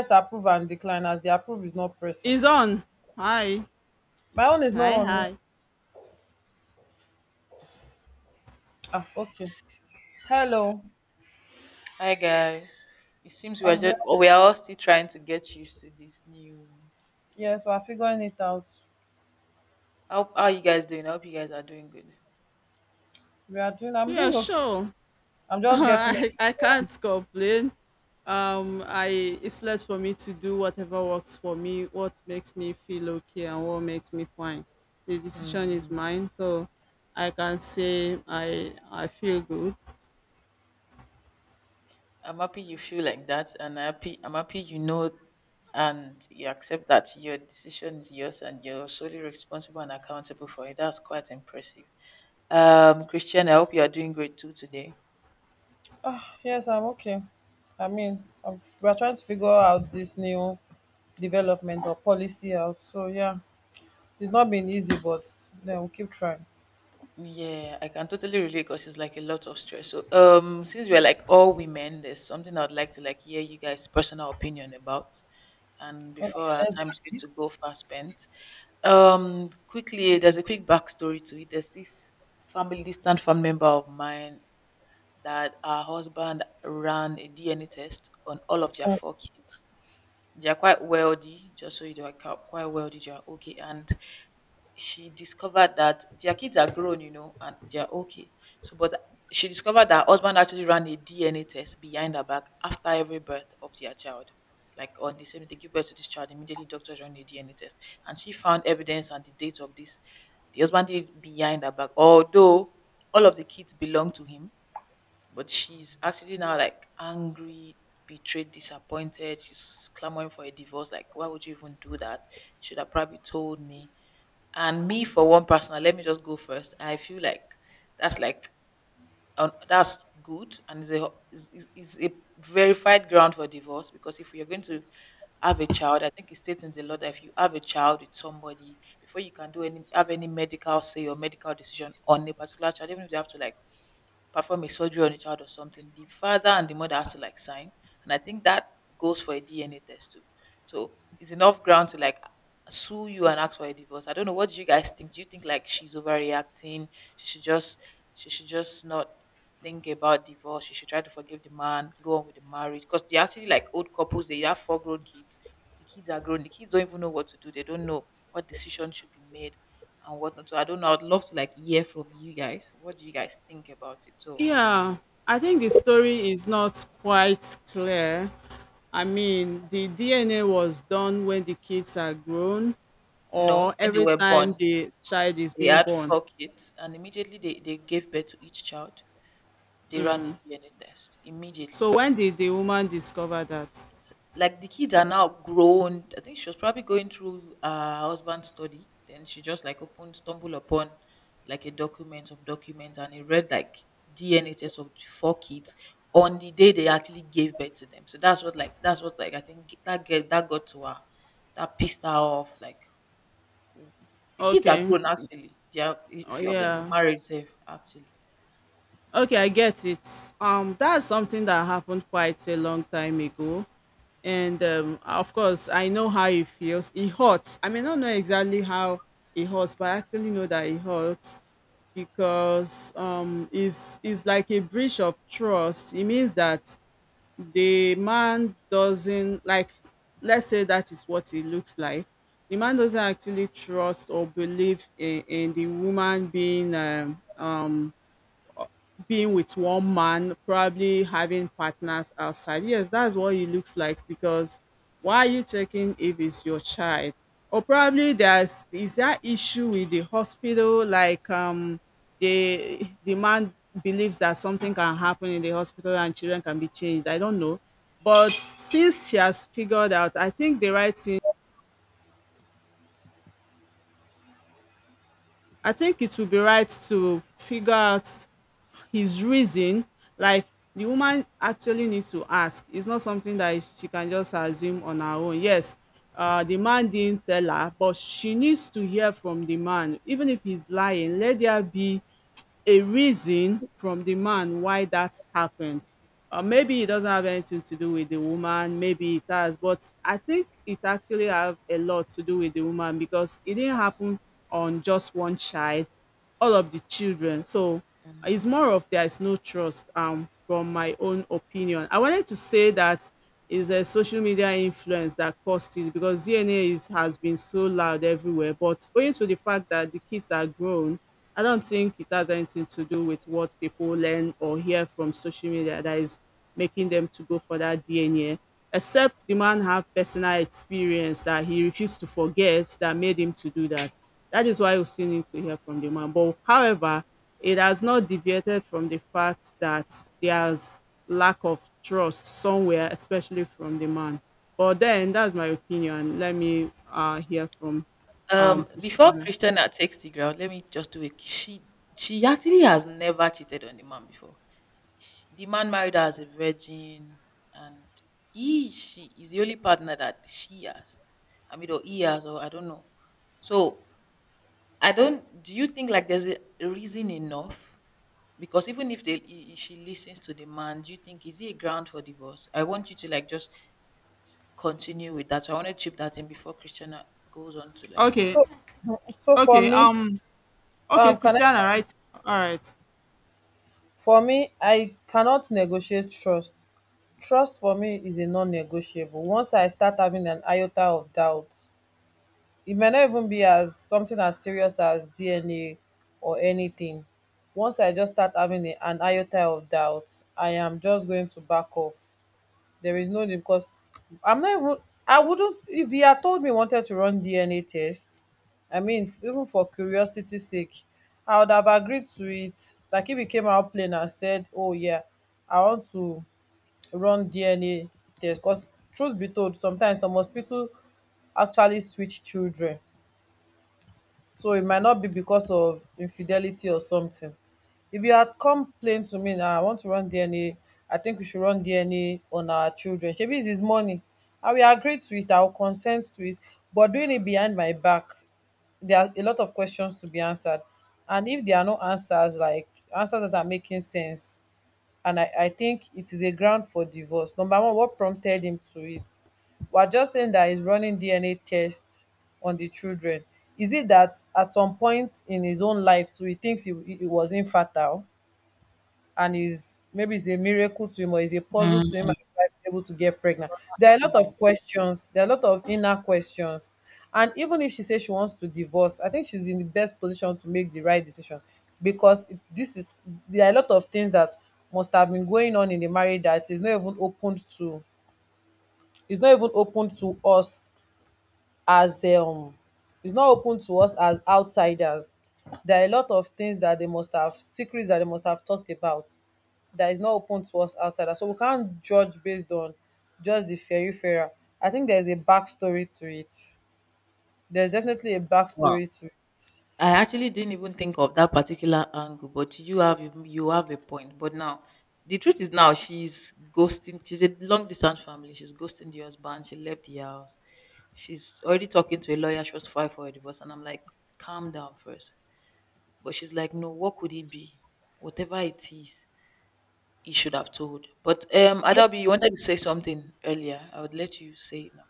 Press approve and decline as the approve is not pressing. Is on. Hi, My own is not hi, on. hi. Ah, okay. Hello. Hi guys. It seems we are Ah, well, we are all still trying to get used to this new. yes, we're figuring it out. How are you guys doing? I hope you guys are doing good. We are doing, I'm Yeah, doing okay. sure. I'm just Mm, getting I overwhelmed. can't complain. I it's left for me to do whatever works for me, what makes me feel okay, and what makes me fine. The decision is mhm. mine, so I can say I feel good. I'm happy you feel like that, and happy and you accept that your decision is yours, and you're solely responsible and accountable for it. That's quite impressive. Christian, I hope you are doing great too today. Ah, yes, I'm okay. I mean, we're trying to figure out this new development or policy out. So, yeah, it's not been easy, but then we'll keep trying. Yeah, I can totally relate because it's like a lot of stress. So, since we're like all women, there's something I'd like to like hear you guys' personal opinion about. And before Okay, our let's. time's going to go fast spent, quickly, there's a quick backstory to it. There's this family, distant family member of mine that her husband ran a DNA test on all of their Mm. four kids. They are quite wealthy, just so you know, like quite wealthy. They are okay, and she discovered that their kids are grown, you know, and they are okay. So, but she discovered that her husband actually ran a DNA test behind her back after every birth of their child. Like on the same, they give birth to this child immediately. Doctors run a DNA test, and she found evidence and the date of this. The husband did it behind her back, although all of the kids belong to him, but she's actually now like angry, betrayed, disappointed. She's clamoring for a divorce. Like why would you even do that? You should have probably told me. And me for one personal, let me just go first. I feel like that's good and is a verified ground for divorce. Because if you're going to have a child, I think it states in the law that if you have a child with somebody, before you can do any have any medical say or medical decision on a particular child, even if they have to like perform a surgery on a child or something, the father and the mother has to like sign. And I think that goes for a DNA test too. So it's enough ground to like sue you and ask for a divorce. I don't know, what do you guys think? Do you think like she's overreacting? She should just she should just not think about divorce. She should try to forgive the man, go on with the marriage. Because they're actually like old couples, they have four grown kids. The kids are grown, the kids don't even know what to do, they don't know what decision should be made and whatnot. So I don't know. I'd love to like hear from you guys. What do you guys think about it? So Yeah, I think the story is not quite clear. I mean, the DNA was done when the kids are grown, no, or when they every were time born, the child is they being had born. four kids, and immediately they, gave birth to each child. They ran Mm. a DNA test immediately. So when did the woman discover that? Like the kids are now grown. I think she was probably going through her husband's study. Then she just like opened, stumbled upon like a document of documents, and it read like DNA test of the four kids on the day they actually gave birth to them. So that's what like I think that got to her. That pissed her off. Like the kids are Okay. grown actually. They are, a Oh, few of them is yeah. married safe actually. Okay, I get it. That's something that happened quite a long time ago. And of course, I know how it feels. It hurts. I may not know exactly how it hurts, but I actually know that it hurts because it's like a breach of trust. It means that the man doesn't like, let's say that is what it looks like, the man doesn't actually trust or believe in the woman being being with one man, probably having partners outside. Yes, that's what it looks like because why are you checking if it's your child? Or probably there's is that issue with the hospital, like the man believes that something can happen in the hospital and children can be changed. I don't know. But since she has figured out, I think the right thing, I think it would be right to figure out his reason, like the woman actually needs to ask. It's not something that she can just assume on her own. Yes, the man didn't tell her, but she needs to hear from the man. Even if he's lying, let there be a reason from the man why that happened. Maybe it doesn't have anything to do with the woman, maybe it has, but I think it actually have a lot to do with the woman because it didn't happen on just one child, all of the children. So Mm. it's more of there is no trust from my own opinion. I wanted to say that is a social media influence that caused it because DNA has been so loud everywhere. But owing to the fact that the kids are grown, I don't think it has anything to do with what people learn or hear from social media that is making them to go for that DNA. Except the man have personal experience that he refused to forget that made him to do that. That is why we still need to hear from the man. But however, it has not deviated from the fact that there's lack of trust somewhere, especially from the man. But then that's my opinion. Let me hear from Before Christiana. Christiana takes the ground, let me just do it. She actually has never cheated on the man before. The man married her as a virgin, and he she is the only partner that she has. I mean, or he has, or I don't know. So I don't. Do you think like there's a reason enough? Because even if she listens to the man, do you think is he a ground for divorce? I want you to like just continue with that. So I want to chip that in before Christiana goes on to Okay, So, mm, so for okay, me, okay, can I Christiana, just, right? All right. for me, I cannot negotiate trust. For me is a non-negotiable. Once I start having an iota of doubt, it may not even be as something as serious as DNA or anything. Once I just start having an iota of doubt, I am just going to back off. There is no need because I'm not even. I wouldn't, if he had told me he wanted to run DNA test. I mean, even for curiosity's sake, I would have agreed to it. Like if he came out plain and said, "Oh yeah, I want to run DNA test," because truth be told, sometimes some hospital actually switch children. So it might not be because of infidelity or something. If you had complained to me now, I want to run DNA, I think we should run DNA on our children. Shebi it's his money. I will agree to it, I will consent to it. But doing it behind my back, there are a lot of questions to be answered. And if there are no answers, like answers that are making sense, and I think it is a ground for divorce. Number one, what prompted him to it? We're just saying that he's running DNA tests on the children. Is it that at some point in his own life too, he thinks he was infertile? And is, maybe it's a miracle to him, or is a puzzle to him, like. and his wife is able to get pregnant. There are a lot Angle. of questions. There are a lot of inner questions. And even if she says she wants to divorce, I think she's in the best position to make the right decision because this is, there are a lot of things that must have been going on in the marriage that is not even open to, is not even open to us as um, it's not open to us as outsiders. There are a lot of things that they must have, secrets that they must have talked about, that is not open to us outsiders. So we can't judge based on just the fairy fairer. I think there's a backstory to it. There's definitely a Wow. backstory to it. I actually didn't even think of that particular angle, but you have a point. But now, the truth is, now she's ghosting. She's a long distance family. She's ghosting the husband. She left the house. She's already talking to a lawyer. She was filed for a divorce, and I'm like, calm down first. But she's like, no. What could it be? Whatever it is, he should have told. But Adabi, you wanted to say something earlier. I would let you say it now.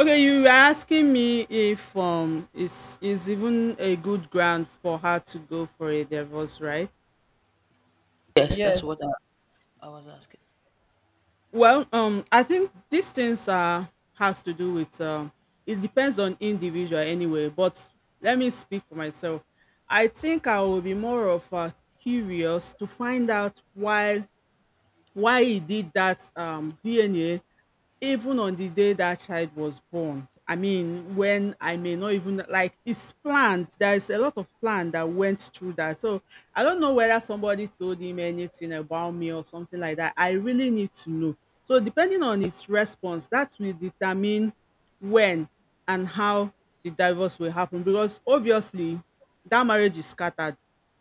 Okay, you were asking me if is even a good ground for her to go for a divorce, right? Yes, that's Yes, what I was asking. Well, I think these things are, has to do with it depends on individual anyway. But let me speak for myself. I think I will be more of curious to find out why he did that DNA even on the day that child was born. I mean, when I may not even like it's planned. There is a lot of plan that went through that. So I don't know whether somebody told him anything about me or something like that. I really need to know. So depending on his response, that will determine when and how the divorce will happen. Because obviously that marriage is scattered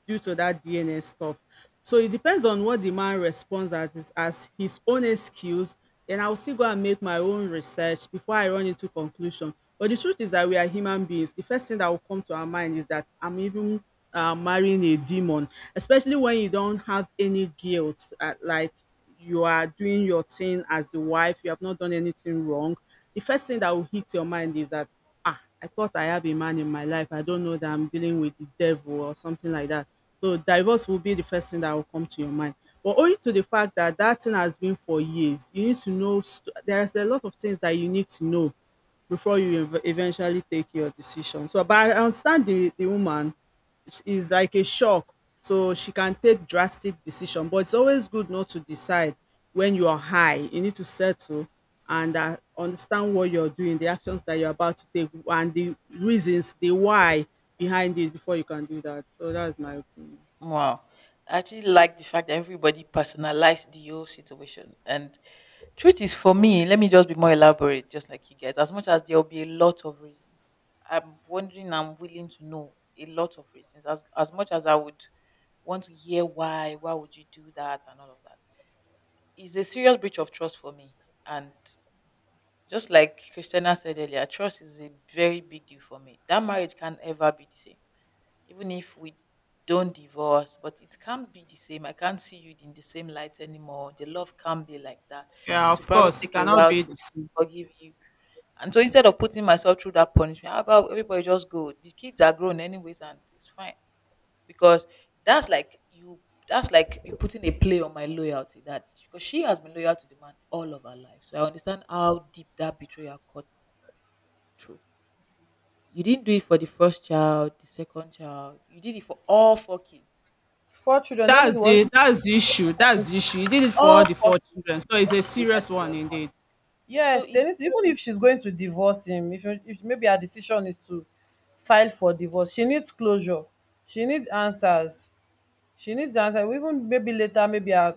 due to that DNS stuff. So it depends on what the man responds as as his own excuse. Then I'll still go and make my own research before I run into conclusion. But the truth is that we are human beings. The first thing that will come to our mind is that I'm even marrying a demon, especially when you don't have any guilt. Like you are doing your thing as the wife, you have not done anything wrong. The first thing that will hit your mind is that ah, I thought I have a man in my life. I don't know that I'm dealing with the devil or something like that. So divorce will be the first thing that will come to your mind. But owing to the fact that that thing has been for years, you need to know there is a lot of things that you need to know before you eventually take your decision. So, but I understand the woman is like a shock, so she can take drastic decision. But it's always good not to decide when you are high. You need to settle and understand what you're doing, the actions that you're about to take, and the reasons, the why behind it before you can do that. So that's my opinion. Wow. I actually like the fact that everybody personalized the whole situation. And truth is, for me, let me just be more elaborate, just like you guys. As much as there will be a lot of reasons, I'm willing to know a lot of reasons. As much as I would want to hear why would you do that, and all of that. It's a serious breach of trust for me. And just like Christina said earlier, trust is a very big deal for me. That marriage can't ever be the same, even if we don't divorce. But it can't be the same. I can't see you in the same light anymore. The love can't be like that. Yeah, It will of probably course, it take a cannot while be to the same. forgive you. And so instead of putting myself through that punishment, how about everybody just go? The kids are grown anyways, and it's fine. Because that's like you that's like you putting a play on my loyalty. That, because she has been loyal to the man all of her life, so I understand how deep that betrayal cut through. You didn't do it for the first child, the second child, you did it for all four kids. four children. That means it wasn't. That's the issue. That's the issue. He did it for all All the 4 four kids children, so it's on a the day that serious they one were born. indeed. So Yes, they need to, even it's if she's going to divorce him, if maybe her decision is to file for divorce, she needs closure. She needs answers. She needs an answer. Even maybe later, maybe her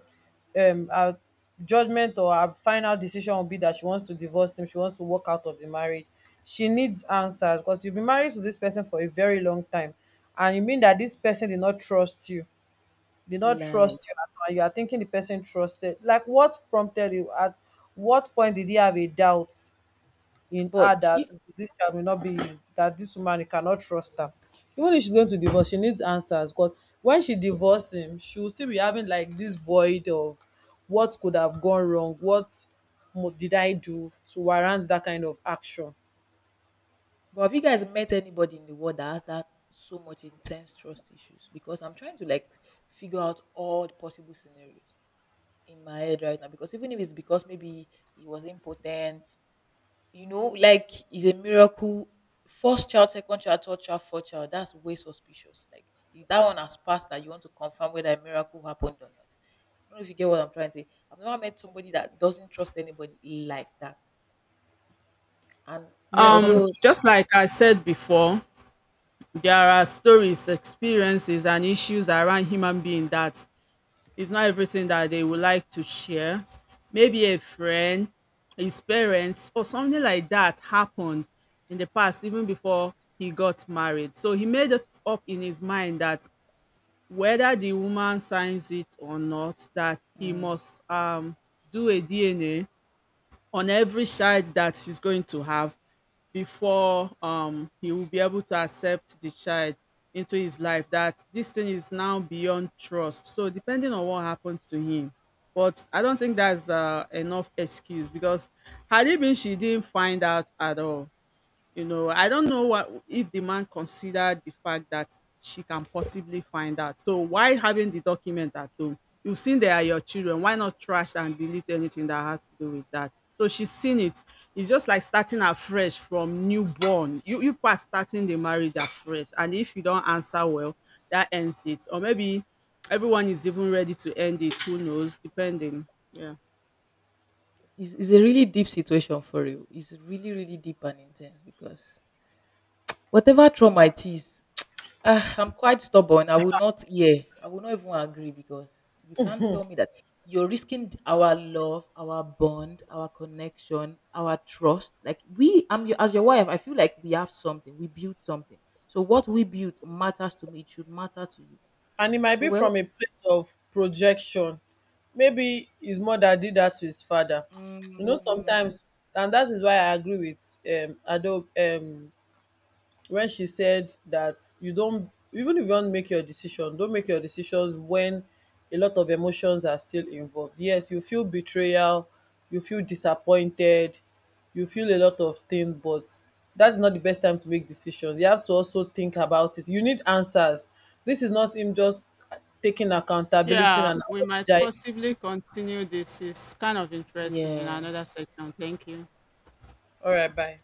her judgment or her final decision will be that she wants to divorce him, she wants to walk out of the marriage. She needs answers because you've been married to this person for a very long time, and you mean that this person did not trust you, did not Like trust you at all. And you are thinking the person trusted. Like what prompted you? At what point did he have a doubt in her, but do that you this child will not be, that this woman, he cannot trust her. Even if she's going to divorce, she needs answers, because when she divorced him, she will still be having like this void of what could have gone wrong, what did I do to warrant that kind of action. but have you guys met anybody in the world that has that so much intense trust issues? Because I'm trying to, like, figure out all the possible scenarios in my head right now. Because even if it's because maybe he was impotent, you know, like it's a miracle. First child, second child, third child, fourth child. That's way suspicious. Like if that one has passed, that you want to confirm whether a miracle happened or not. I don't know if you get what I'm trying to say. I've never met somebody that doesn't trust anybody like that. And Yes, some people, although Just like I said before, there are stories, experiences, and issues around human being that it's not everything that they would like to share. Maybe a friend, his parents, or something like that happened in the past, even before he got married. So he made it up in his mind that whether the woman signs it or not, that he mm, must do a DNA on every child that he's going to have before he will be able to accept the child into his life, that this thing is now beyond trust. So depending on what happened to him, but I don't think that's enough excuse because had it been she didn't find out at all, you know, I don't know what if the man considered the fact that she can possibly find out. So why having the document at home? You've seen they are your children. Why not trash and delete anything that has to do with that? So she's seen it. It's just like starting afresh from newborn. You are starting the marriage afresh. And if you don't answer well, that ends it. Or maybe everyone is even ready to end it. Who knows? Depending. Yeah. It's a really deep situation for you, it's really really deep and intense. Because whatever trauma it is, ah, I'm quite stubborn. I will not hear. I will not even agree. Because you can't tell me that you're risking our love, our bond, our connection, our trust. Like I'm your, as your wife, I feel like we have something. We built something. So what we built matters to me. It should matter to you. and it might So be well, from a place of projection. Maybe his mother did that to his father. You know, mhm, sometimes, and that is why I agree with Ado, when she said that you don't even if you don't make your decision don't make your decisions when a lot of emotions are still involved. Yes, you feel betrayal, you feel disappointed, you feel a lot of things, but that's not the best time to make decisions. You have to also think about it. You need answers. This is not him just taking accountability Yeah, and we might apologizing. possibly continue this. It's kind of interesting in yeah. another section. Thank you. All right, bye.